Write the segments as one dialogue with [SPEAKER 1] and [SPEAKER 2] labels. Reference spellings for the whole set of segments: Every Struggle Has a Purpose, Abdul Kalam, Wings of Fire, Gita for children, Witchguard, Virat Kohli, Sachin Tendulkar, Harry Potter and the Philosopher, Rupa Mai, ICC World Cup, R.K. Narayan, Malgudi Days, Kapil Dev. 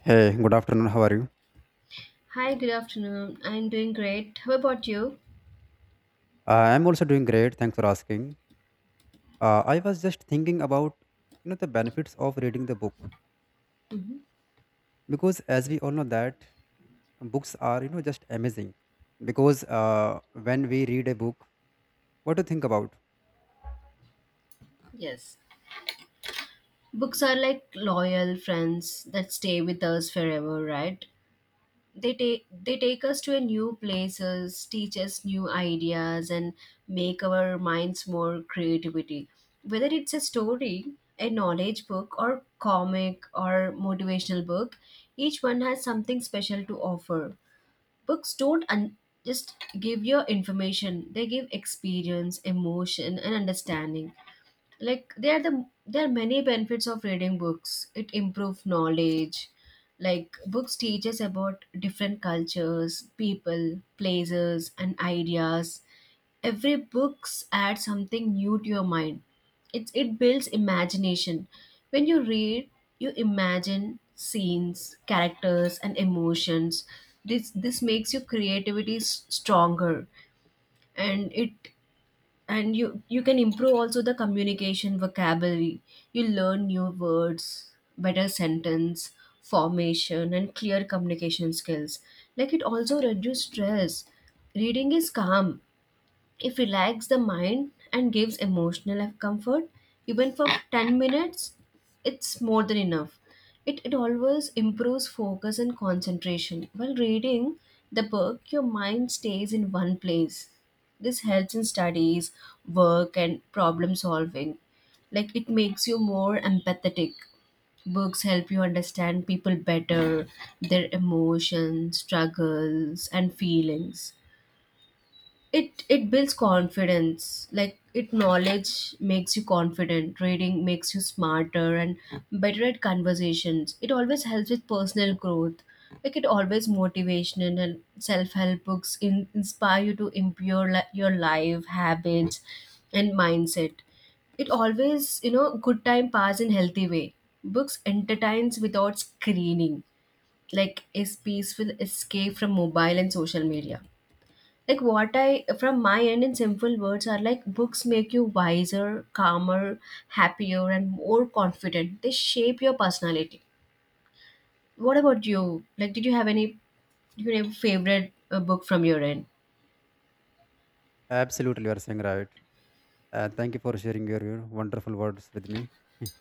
[SPEAKER 1] Hey, good afternoon. How are you?
[SPEAKER 2] Hi, good afternoon. I'm doing great. How about you?
[SPEAKER 1] I'm also doing great. Thanks for asking. I was just thinking about the benefits of reading the book,
[SPEAKER 2] Hmm.
[SPEAKER 1] because as we all know that books are, just amazing, because when we read a book, what to think about?
[SPEAKER 2] Yes. Books are like loyal friends that stay with us forever, right? They take us to a new places, teach us new ideas and make our minds more creativity. Whether it's a story, a knowledge book or comic or motivational book, each one has something special to offer. Books don't just give your information, they give experience, emotion and understanding. Like there are many benefits of reading books. It improves knowledge, like books teach us about different cultures, people, places and ideas. Every books add something new to your mind. It builds imagination. When you read, you imagine scenes, characters and emotions. This makes your creativity stronger. And it, and you can improve also the communication vocabulary. You learn new words, better sentence formation and clear communication skills. Like, it also reduce stress. Reading is calm, it relaxes the mind and gives emotional comfort. Even for 10 minutes, it's more than enough. It always improves focus and concentration. While reading the book, your mind stays in one place. This helps in studies, work, and problem solving. Like, it makes you more empathetic. Books help you understand people better, their emotions, struggles, and feelings. It builds confidence. Like, it knowledge makes you confident. Reading makes you smarter and better at conversations. It always helps with personal growth. Like, it always motivational and self-help books inspire you to improve your life habits and mindset. It always, good time pass in healthy way. Books entertains without screening, like is peaceful escape from mobile and social media. Like, what I from my end in simple words are, like books make you wiser, calmer, happier and more confident. They shape your personality. What about you? Like, did you have any, favorite book from your end?
[SPEAKER 1] Absolutely, you are saying right. And thank you for sharing your wonderful words with me.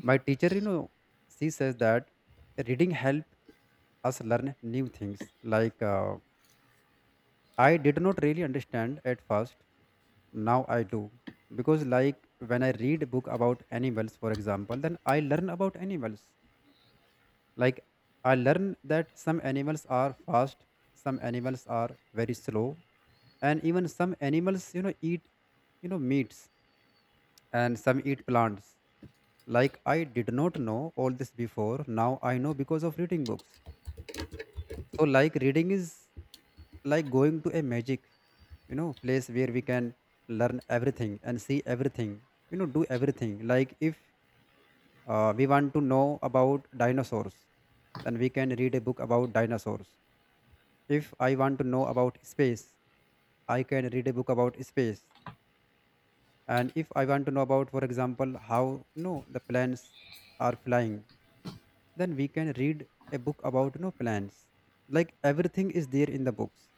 [SPEAKER 1] My teacher, you know, she says that reading help us learn new things. Like I did not really understand at first. Now I do. Because, like, when I read a book about animals, for example, then I learn about animals. Like, I learn that some animals are fast, some animals are very slow, and even some animals, you know, eat, you know, meats, and some eat plants. Like, I did not know all this before. Now I know because of reading books. So, like, reading is like going to a magic, you know, place where we can learn everything and see everything, you know, do everything. Like, if we want to know about dinosaurs, then we can read a book about dinosaurs. If I want to know about space, I can read a book about space. And if I want to know about, for example, how, you know, the plants are flying, then we can read a book about, you know, plants. Like, everything is there in the books.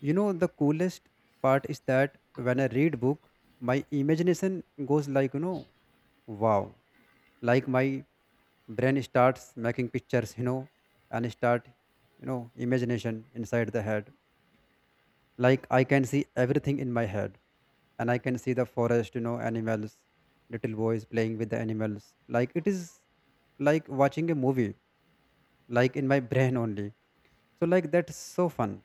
[SPEAKER 1] You know, the coolest part is that when I read book, my imagination goes like, you know, wow. Like, my brain starts making pictures, you know, and start, you know, imagination inside the head. Like, I can see everything in my head, and I can see the forest, you know, animals, little boys playing with the animals. Like, it is like watching a movie, like in my brain only. So, like, that's so fun.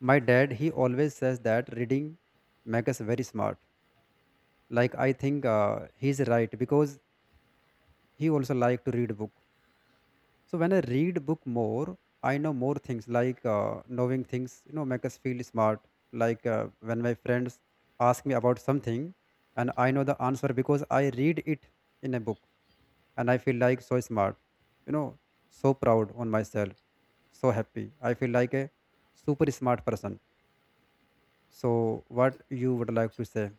[SPEAKER 1] My dad, he always says that reading makes us very smart. Like, I think he's right because he also like to read book. So when I read book more, I know more things. Like knowing things, you know, make us feel smart. Like, when my friends ask me about something and I know the answer because I read it in a book, and I feel like so smart, you know, so proud on myself, so happy. I feel like a super smart person. So what you would like to say?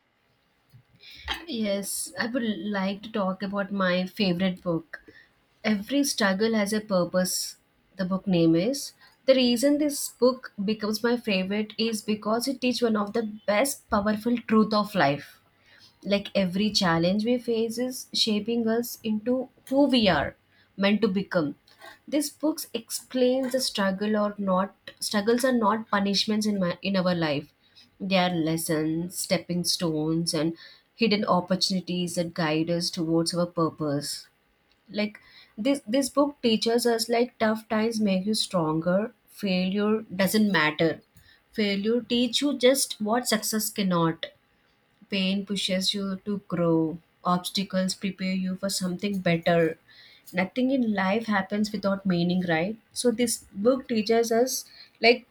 [SPEAKER 2] Yes, I would like to talk about my favorite book. Every Struggle Has a Purpose, the book name is. The reason this book becomes my favorite is because it teaches one of the best powerful truth of life. Like, every challenge we face is shaping us into who we are meant to become. This books explains the struggle, or not, struggles are not punishments in my, in our life. They are lessons, stepping stones and hidden opportunities that guide us towards our purpose. Like, this book teaches us like tough times make you stronger. Failure doesn't matter, failure teach you just what success cannot. Pain pushes you to grow, obstacles prepare you for something better. Nothing in life happens without meaning, right? So, this book teaches us like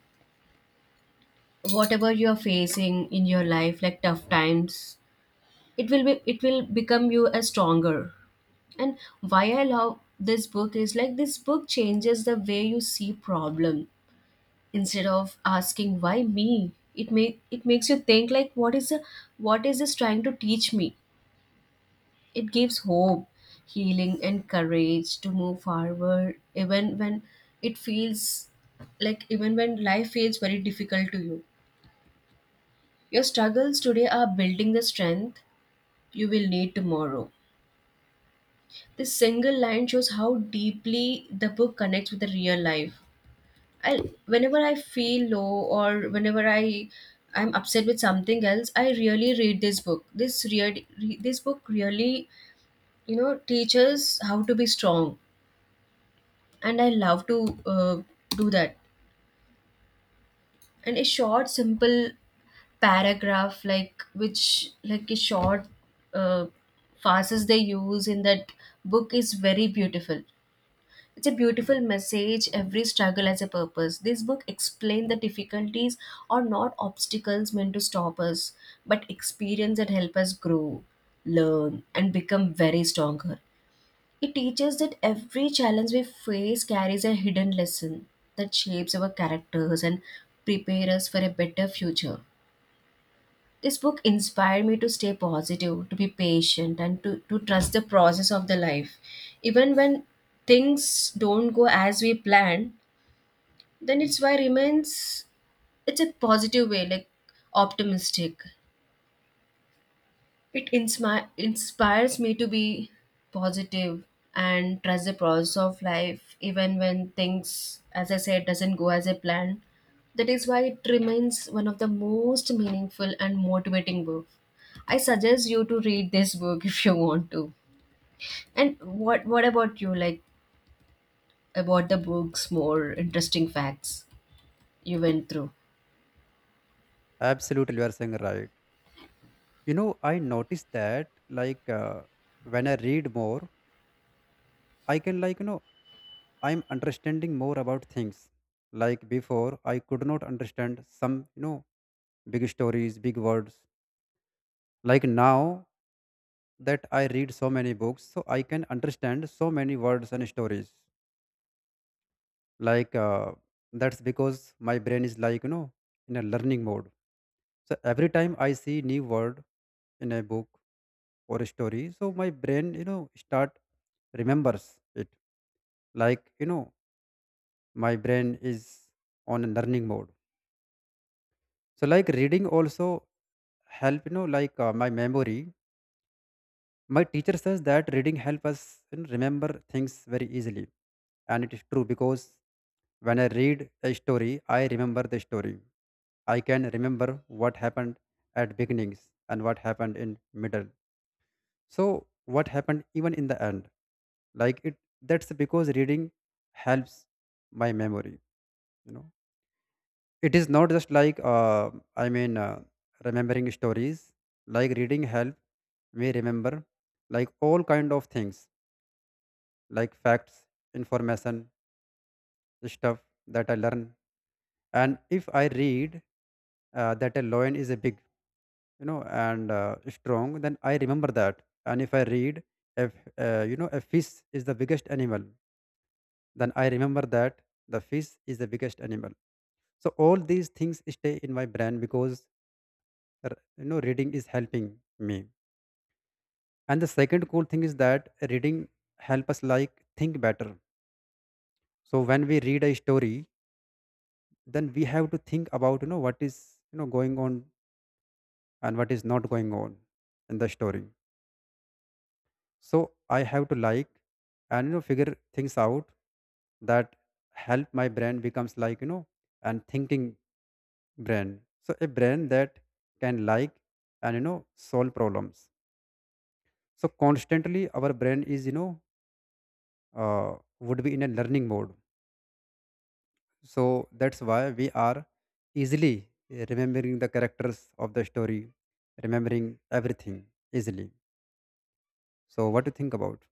[SPEAKER 2] whatever you are facing in your life, like tough times, it will become you as stronger. And why I love this book is like this book changes the way you see problem. Instead of asking why me, it makes you think like what is this trying to teach me. It gives hope, healing, and courage to move forward, even when it feels like, even when life feels very difficult to you. Your struggles today are building the strength you will need tomorrow. This single line shows how deeply the book connects with the real life. I, whenever I feel low or whenever I'm upset with something else, I really read this book. This book really, teaches how to be strong, and I love to do that. And a short, simple paragraph, like which, like a short uh, phrases they use in that book, is very beautiful. It's a beautiful message. Every struggle has a purpose. This book explains the difficulties are not obstacles meant to stop us, but experience that help us grow, learn, and become very stronger. It teaches that every challenge we face carries a hidden lesson that shapes our characters and prepares us for a better future. This book inspired me to stay positive, to be patient, and to trust the process of the life. Even when things don't go as we planned, then it's why remains, it's a positive way, like optimistic. It inspires me to be positive and trust the process of life even when things, as I said, doesn't go as I planned. That is why it remains one of the most meaningful and motivating book. I suggest you to read this book if you want to. And what about you, like about the books more interesting facts you went through?
[SPEAKER 1] Absolutely, you are saying right. You know, I noticed that like when I read more, I can, like, you know, I'm understanding more about things. Like, before, I could not understand some, you know, big stories, big words. Like, now that I read so many books, so I can understand so many words and stories. Like that's because my brain is, like, you know, in a learning mode. So every time I see new word in a book or a story, so my brain, you know, start remembers it. Like, you know, my brain is on a learning mode. So like reading also help, you know, like my memory. My teacher says that reading help us, you know, remember things very easily, and it is true because when I read a story, I remember the story. I can remember what happened at beginnings and what happened in middle. So what happened even in the end. Like, it, that's because reading helps my memory, you know. It is not just like, I mean, remembering stories. Like, reading help me remember like all kind of things. Like, facts, information, stuff that I learn. And if I read, that a lion is a big, you know, and strong, then I remember that. And if I read, if you know, a fish is the biggest animal, then I remember that the fish is the biggest animal. So all these things stay in my brain because you know, reading is helping me. And the second cool thing is that reading help us, like, think better. So when we read a story, then we have to think about, you know, what is, you know, going on and what is not going on in the story. So I have to, like, and, you know, figure things out. That help my brain becomes, like, you know, and thinking brain. So a brain that can, like, and, you know, solve problems. So constantly our brain is, you know, uh, would be in a learning mode. So that's why we are easily remembering the characters of the story, remembering everything easily. So what do you think about?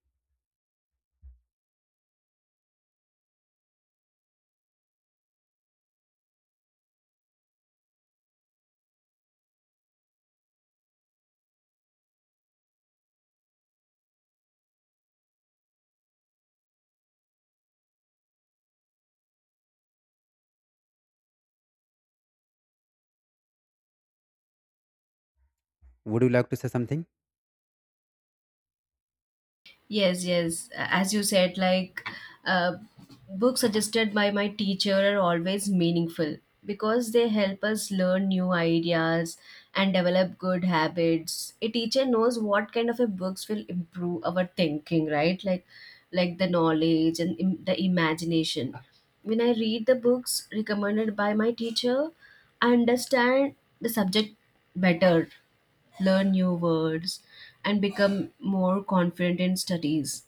[SPEAKER 1] Would you like to say something?
[SPEAKER 2] Yes, yes. As you said, like uh, books suggested by my teacher are always meaningful because they help us learn new ideas and develop good habits. A teacher knows what kind of a books will improve our thinking, right? Like the knowledge and the imagination. When I read the books recommended by my teacher, I understand the subject better, learn new words, and become more confident in studies.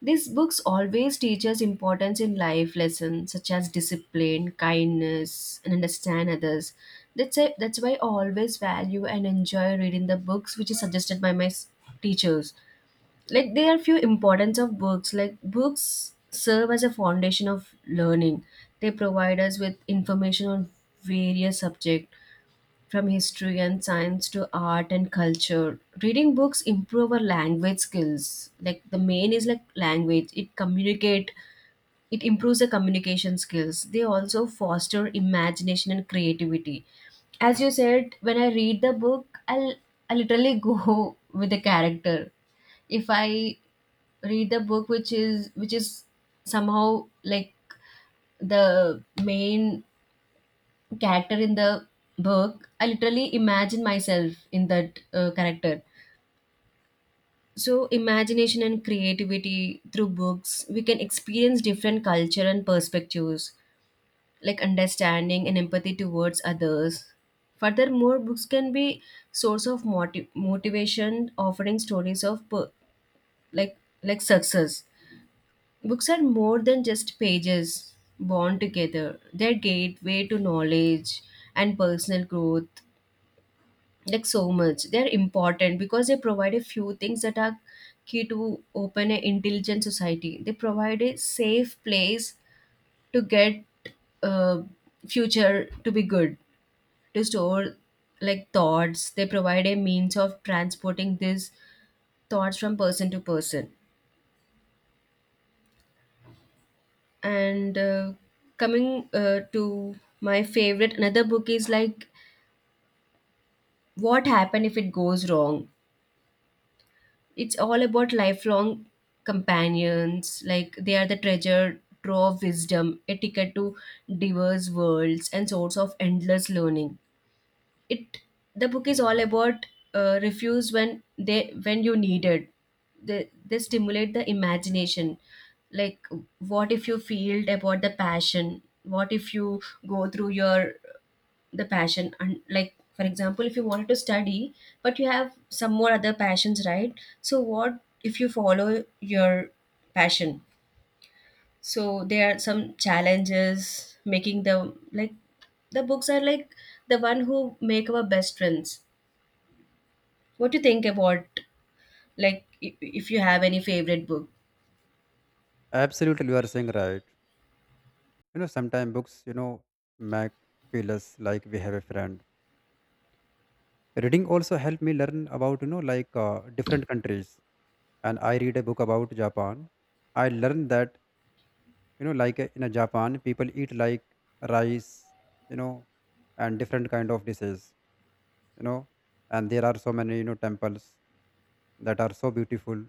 [SPEAKER 2] These books always teach us importance in life lessons such as discipline, kindness, and understand others. That's it. That's why I always value and enjoy reading the books which is suggested by my teachers. Like, there are few importance of books. Like, books serve as a foundation of learning. They provide us with information on various subjects from history and science to art and culture. Reading books improve our language skills. Like, the main is like language, it communicate, it improves the communication skills. They also foster imagination and creativity. As you said, when I read the book, I'll, I literally go with the character. If I read the book which is somehow like the main character in the book, I literally imagine myself in that character. So, imagination and creativity through books, we can experience different culture and perspectives, like understanding and empathy towards others. Furthermore, books can be source of motivation, offering stories of like like success. Books are more than just pages bound together. They're gateway to knowledge and personal growth, like so much. They're important because they provide a few things that are key to open an intelligent society. They provide a safe place to get uh, future to be good, to store like thoughts. They provide a means of transporting these thoughts from person to person. And coming to my favorite another book is like what happened if it goes wrong. It's all about lifelong companions, like they are the treasure trove of wisdom, etiquette to diverse worlds, and source of endless learning. It, the book is all about refuse when they, when you need it. They stimulate the imagination. Like, what if you feel about the passion? What if you go through your the passion, and like for example if you wanted to study but you have some more other passions, right? So what if you follow your passion? So there are some challenges making the, like the books are like the one who make our best friends. What do you think about, like if you have any favorite book?
[SPEAKER 1] Absolutely, you are saying right. You know, sometimes books, you know, make feel us like we have a friend. Reading also helped me learn about, you know, like different countries. And I read a book about Japan. I learned that, you know, like, in a Japan people eat like rice, you know, and different kind of dishes, you know. And there are so many, you know, temples that are so beautiful.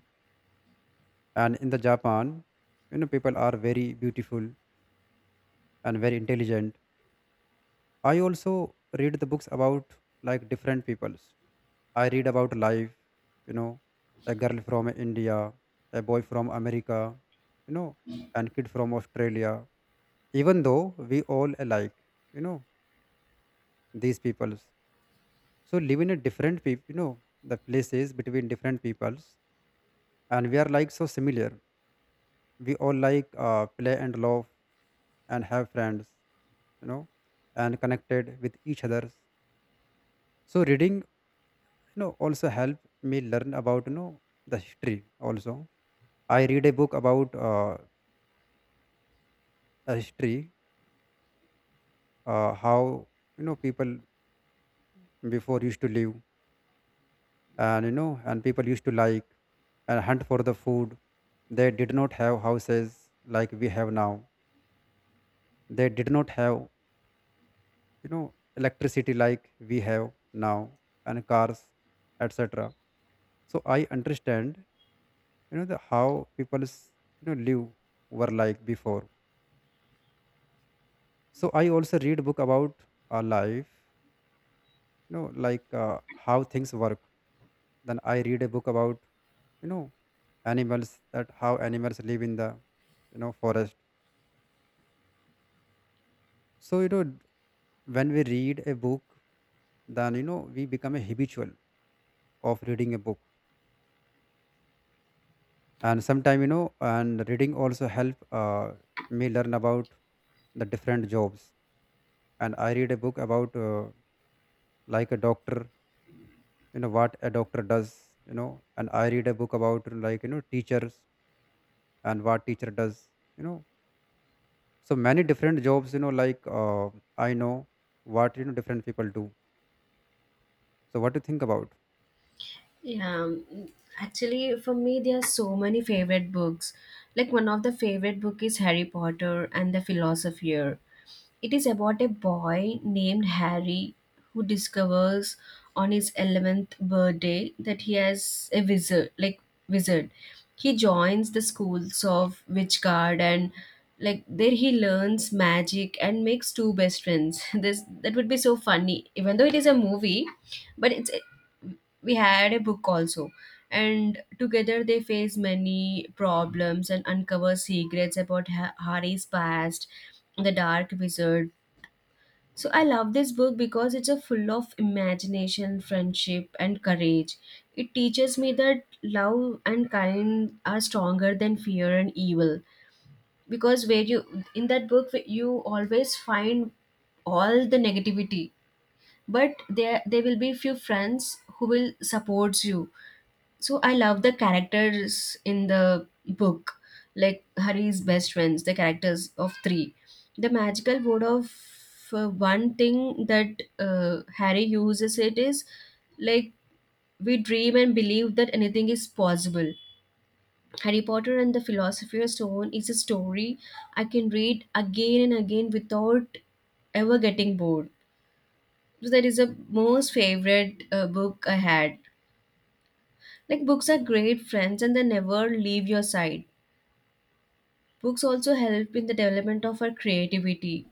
[SPEAKER 1] And in the Japan, you know, people are very beautiful and very intelligent. I also read the books about like different peoples. I read about life, you know, a girl from India, a boy from America, you know, and kid from Australia. Even though we all alike, you know, these peoples, so live in a different people, you know, the places between different peoples, and we are like so similar. We all like, play and love and have friends, you know, and connected with each others. So reading, you know, also help me learn about, you know, the history also. I read a book about a history, how, you know, people before used to live. And, you know, and people used to, like, and hunt for the food. They did not have houses like we have now. They did not have, you know, electricity like we have now, and cars, etc. So I understand, you know, the how people's, you know, live were like before. So I also read book about our life, you know, like, how things work. Then I read a book about, you know, animals, that how animals live in the, you know, forest. So, you know, when we read a book, then, you know, we become a habitual of reading a book. And sometime, you know, and reading also help me learn about the different jobs. And I read a book about like a doctor, you know, what a doctor does, you know. And I read a book about, like, you know, teachers and what teacher does, you know. So many different jobs, you know, like, I know what, you know, different people do. So what do you think about?
[SPEAKER 2] Yeah, mm, actually, for me, there are so many favorite books. Like, one of the favorite book is Harry Potter and the Philosopher. It is about a boy named Harry who discovers on his 11th birthday that he has a wizard, like wizard. He joins the schools of Witchguard, and like there he learns magic and makes two best friends. This that would be so funny, even though it is a movie, but it's, we had a book also, and together they face many problems and uncover secrets about Harry's past, the dark wizard. So I love this book because it's a full of imagination, friendship and courage. It teaches me that love and kind are stronger than fear and evil. Because where you, in that book, you always find all the negativity, but there will be few friends who will support you. So I love the characters in the book, like Hari's best friends, the characters of three, the magical word of, one thing that Harry uses it is like, we dream and believe that anything is possible. Harry Potter and the Philosopher's Stone is a story I can read again and again without ever getting bored. So that is the most favorite book I had. Like, books are great friends and they never leave your side. Books also help in the development of our creativity.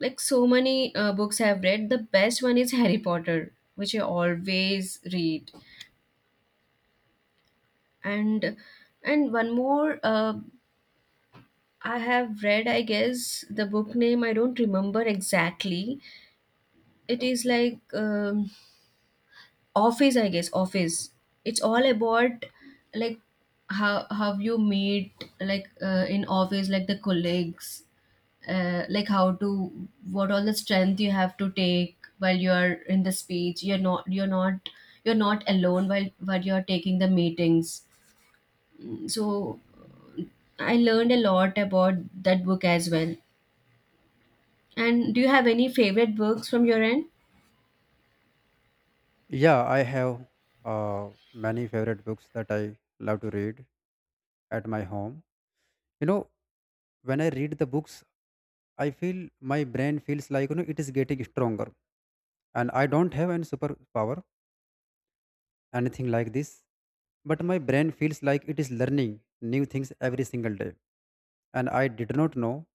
[SPEAKER 2] Like, so many books I've read, the best one is Harry Potter, which I always read. And and one more I have read, I guess the book name I don't remember exactly. It is like Office, I guess Office. It's all about, like, how you meet, like, in office, like, the colleagues, like how to, what all the strength you have to take while you're in the speech. You're not alone while you're taking the meetings. So I learned a lot about that book as well. And do you have any favorite books from your end?
[SPEAKER 1] Yeah, I have many favorite books that I love to read at my home. You know, when I read the books, I feel my brain feels like, you know, it is getting stronger, and I don't have any superpower, anything like this. But my brain feels like it is learning new things every single day. And I did not know,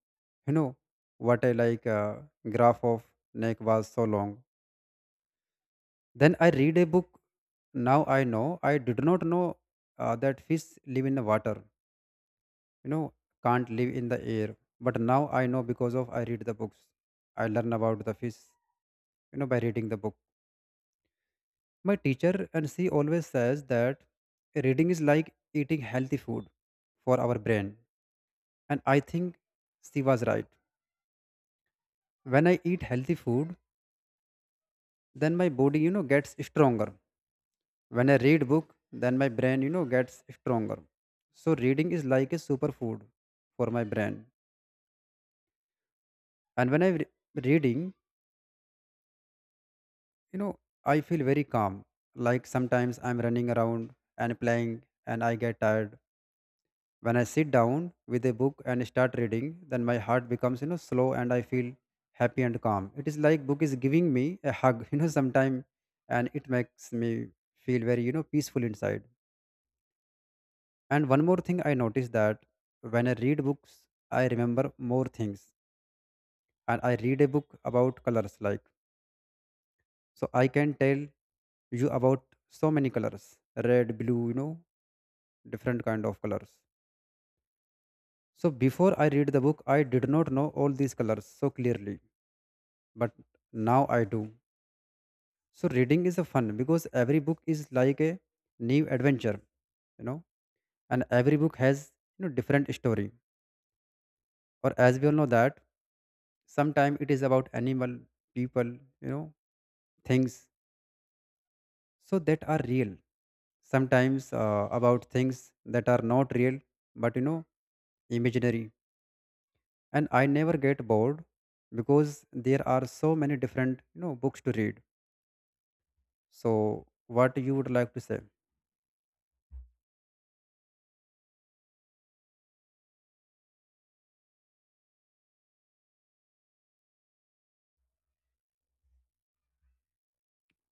[SPEAKER 1] you know, what I like, graph of neck was so long. Then I read a book. Now I know. I did not know that fish live in the water, you know, can't live in the air. But now I know because of I read the books. I learn about the fish, you know, by reading the book. My teacher and she always says that reading is like eating healthy food for our brain. And I think she was right. When I eat healthy food, then my body, you know, gets stronger. When I read book, then my brain, you know, gets stronger. So reading is like a superfood for my brain. And when I reading, you know, I feel very calm. Like, sometimes I'm running around and playing and I get tired. When I sit down with a book and start reading, then my heart becomes, you know, slow, and I feel happy and calm. It is like book is giving me a hug, you know, sometime, and it makes me feel very, you know, peaceful inside. And one more thing I noticed that when I read books, I remember more things. And I read a book about colors, like, so I can tell you about so many colors, red, blue, you know, different kind of colors. So before I read the book, I did not know all these colors so clearly, but now I do. So reading is a fun because every book is like a new adventure, you know, and every book has, you know, different story. Or as we all know that sometimes it is about animal people, you know, things, so that are real, sometimes about things that are not real, but, you know, imaginary. And I never get bored because there are so many different, you know, books to read. So what you would like to say?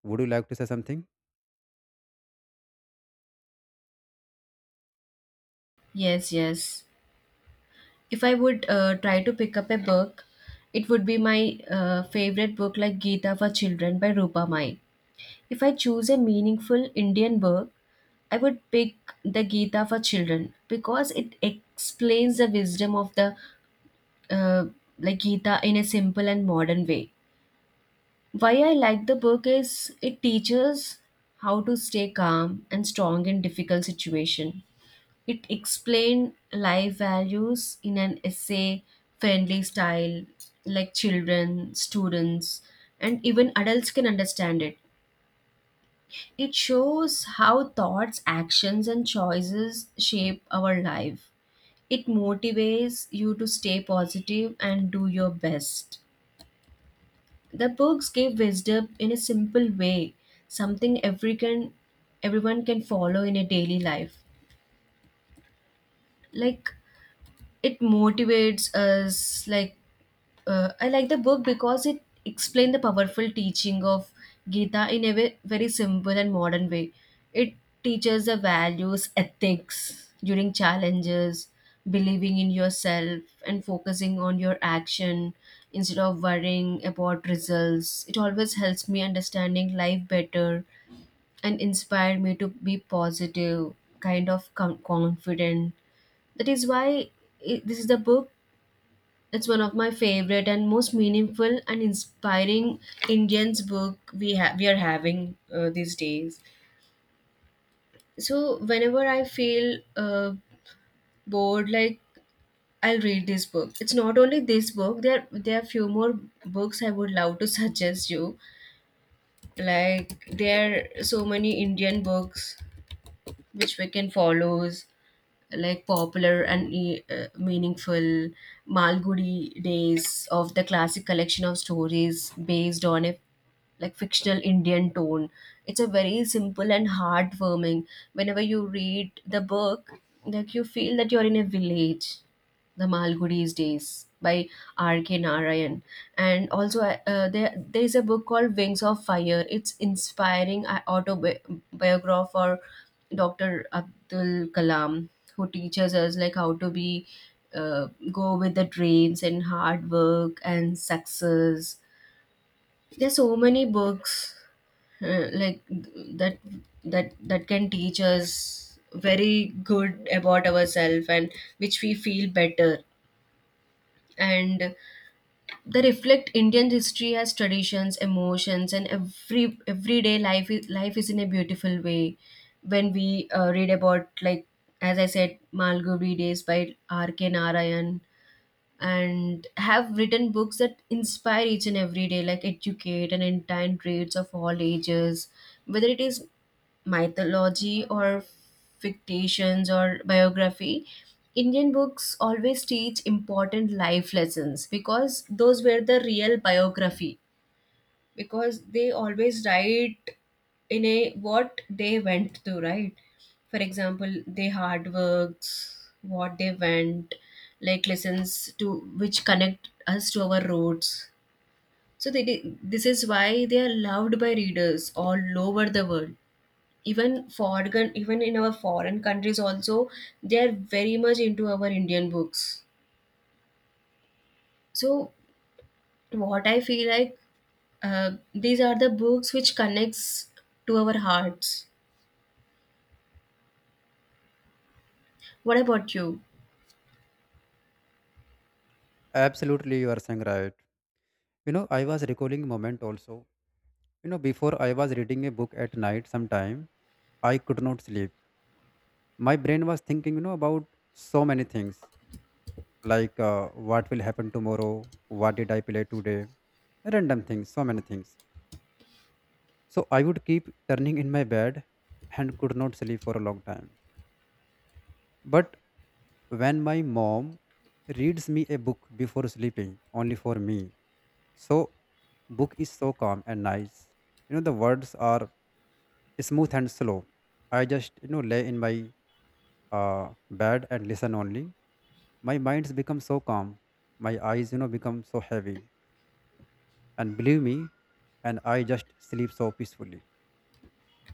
[SPEAKER 1] Would you like to say something?
[SPEAKER 2] Yes, yes. If I would try to pick up a book, it would be my favorite book, like Gita for Children by Rupa Mai. If I choose a meaningful Indian book, I would pick the Gita for Children because it explains the wisdom of the uh, like Gita in a simple and modern way. Why I like the book is it teaches how to stay calm and strong in difficult situation. It explained life values in an essay friendly style, like children, students and even adults can understand it. It shows how thoughts, actions, and choices shape our life. It motivates you to stay positive and do your best. The books give wisdom in a simple way, something everyone can follow in a daily life. Like it motivates us, like I like the book because it explained the powerful teaching of Gita in a very simple and modern way. It teaches the values, ethics during challenges, believing in yourself and focusing on your action instead of worrying about results. It always helps me understanding life better and inspired me to be positive, kind of confident. That is why I- This is the book. It's one of my favorite and most meaningful and inspiring Indians book we are having these days. So whenever I feel uh, bored, like, I'll read this book. It's not only this book. There are few more books I would love to suggest you. Like there are so many Indian books which we can follow, like popular and meaningful Malgudi Days, of the classic collection of stories based on a, like, fictional Indian tone. It's a very simple and heartwarming. Whenever you read the book, like, you feel that you're in a village. The Malgudi's Days by R.K. Narayan. And also, there is a book called Wings of Fire. It's inspiring autobiography for Dr. Abdul Kalam, who teaches us, like, how to be go with the dreams and hard work and success. There's so many books like that can teach us very good about ourselves and which we feel better. And they reflect Indian history as traditions, emotions, and everyday life. Life is in a beautiful way when we read about, like, as I said, Malgudi Days by R. K. Narayan, and have written books that inspire each and every day, like educate and entire trades of all ages, whether it is mythology or fictions or biography. Indian books always teach important life lessons because those were the real biography, because they always write in a what they went through, right? For example, they hard works what they went, like lessons to which connect us to our roots. So this is why they are loved by readers all over the world, even foreign, even in our foreign countries also. They are very much into our Indian books. So what I feel, like, uh, these are the books which connects to our hearts. What about you?
[SPEAKER 1] Absolutely, you are saying right. You know, I was recalling moment also. You know, before, I was reading a book at night sometime I could not sleep. My brain was thinking, you know, about so many things, like what will happen tomorrow, what did I play today, random things, so many things. So I would keep turning in my bed and could not sleep for a long time. But when my mom reads me a book before sleeping only for me, so book is so calm and nice. You know, the words are smooth and slow. I just, you know, lay in my uh, bed and listen only. My mind's become so calm, my eyes, you know, become so heavy, and believe me, and I just sleep so peacefully.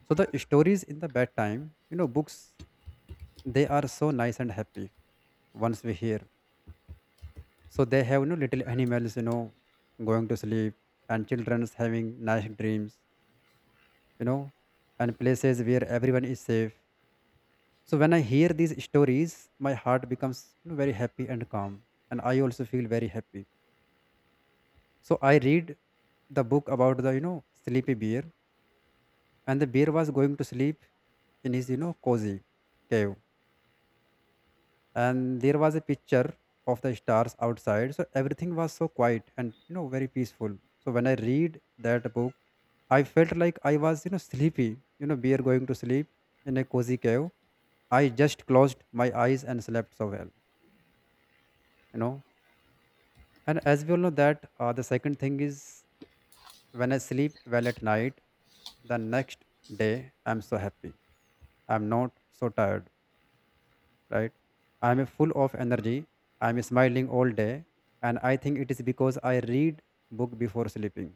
[SPEAKER 1] So the stories in the bedtime, you know, books, they are so nice and happy once we hear. So they have, you know, little animals, you know, going to sleep, and children's having nice dreams, you know, and places where everyone is safe. So when I hear these stories, my heart becomes, you know, very happy and calm, and I also feel very happy. So I read the book about the, you know, sleepy bear, and the bear was going to sleep in his, you know, cozy cave, and there was a picture of the stars outside, so everything was so quiet and, you know, very peaceful. So when I read that book, I felt like I was, you know, sleepy, you know, bear going to sleep in a cozy cave. I just closed my eyes and slept so well, you know. And as we all know that the second thing is, when I sleep well at night, the next day I'm so happy. I'm not so tired, right? I'm full of energy. I'm smiling all day. And I think it is because I read book before sleeping.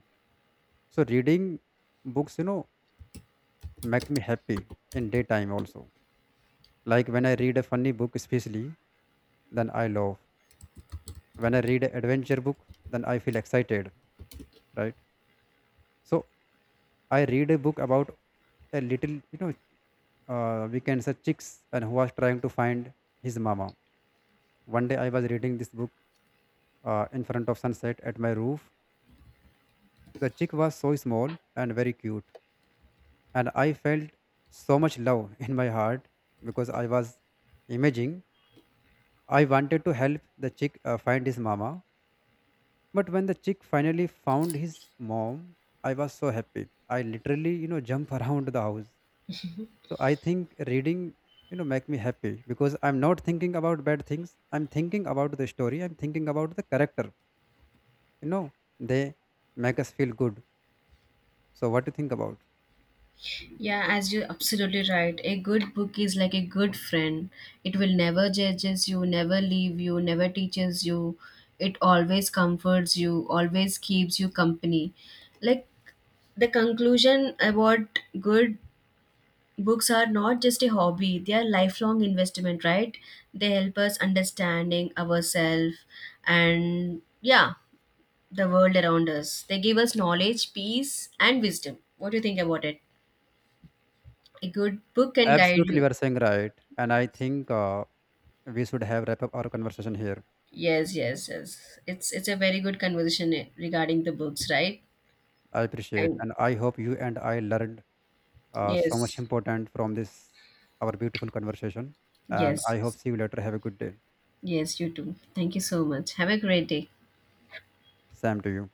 [SPEAKER 1] So reading books, you know, make me happy in daytime also. Like when I read a funny book especially, then I laugh. When I read an adventure book, then I feel excited, right? So I read a book about a little, you know, we can say chicks and who was trying to find his mama. One day I was reading this book in front of sunset at my roof. The chick was so small and very cute, and I felt so much love in my heart because I was imaging. I wanted to help the chick find his mama, but when the chick finally found his mom, I was so happy. I literally, you know, jump around the house. So I think reading, you know, make me happy because I'm not thinking about bad things. I'm thinking about the story. I'm thinking about the character. You know, they make us feel good. So what do you think about?
[SPEAKER 2] Yeah, as you're absolutely right. A good book is like a good friend. It will never judges you, never leave you, never teaches you. It always comforts you, always keeps you company. Like the conclusion about good books are not just a hobby, they are lifelong investment, right? They help us understanding ourselves and, yeah, the world around us. They give us knowledge, peace and wisdom. What do you think about it? A good book can guide
[SPEAKER 1] Absolutely, you
[SPEAKER 2] you.
[SPEAKER 1] are saying right. And I
[SPEAKER 2] yes
[SPEAKER 1] think we should have wrap up our conversation here.
[SPEAKER 2] yes yes yes It's a very good conversation, regarding the books, right?
[SPEAKER 1] I appreciate,
[SPEAKER 2] And
[SPEAKER 1] and I hope you and I learned so much
[SPEAKER 2] yes
[SPEAKER 1] important from this our beautiful conversation. And
[SPEAKER 2] yes
[SPEAKER 1] I hope
[SPEAKER 2] yes
[SPEAKER 1] see you later. Have a good day.
[SPEAKER 2] yes you too, thank you so much, have a great day.
[SPEAKER 1] Same to you.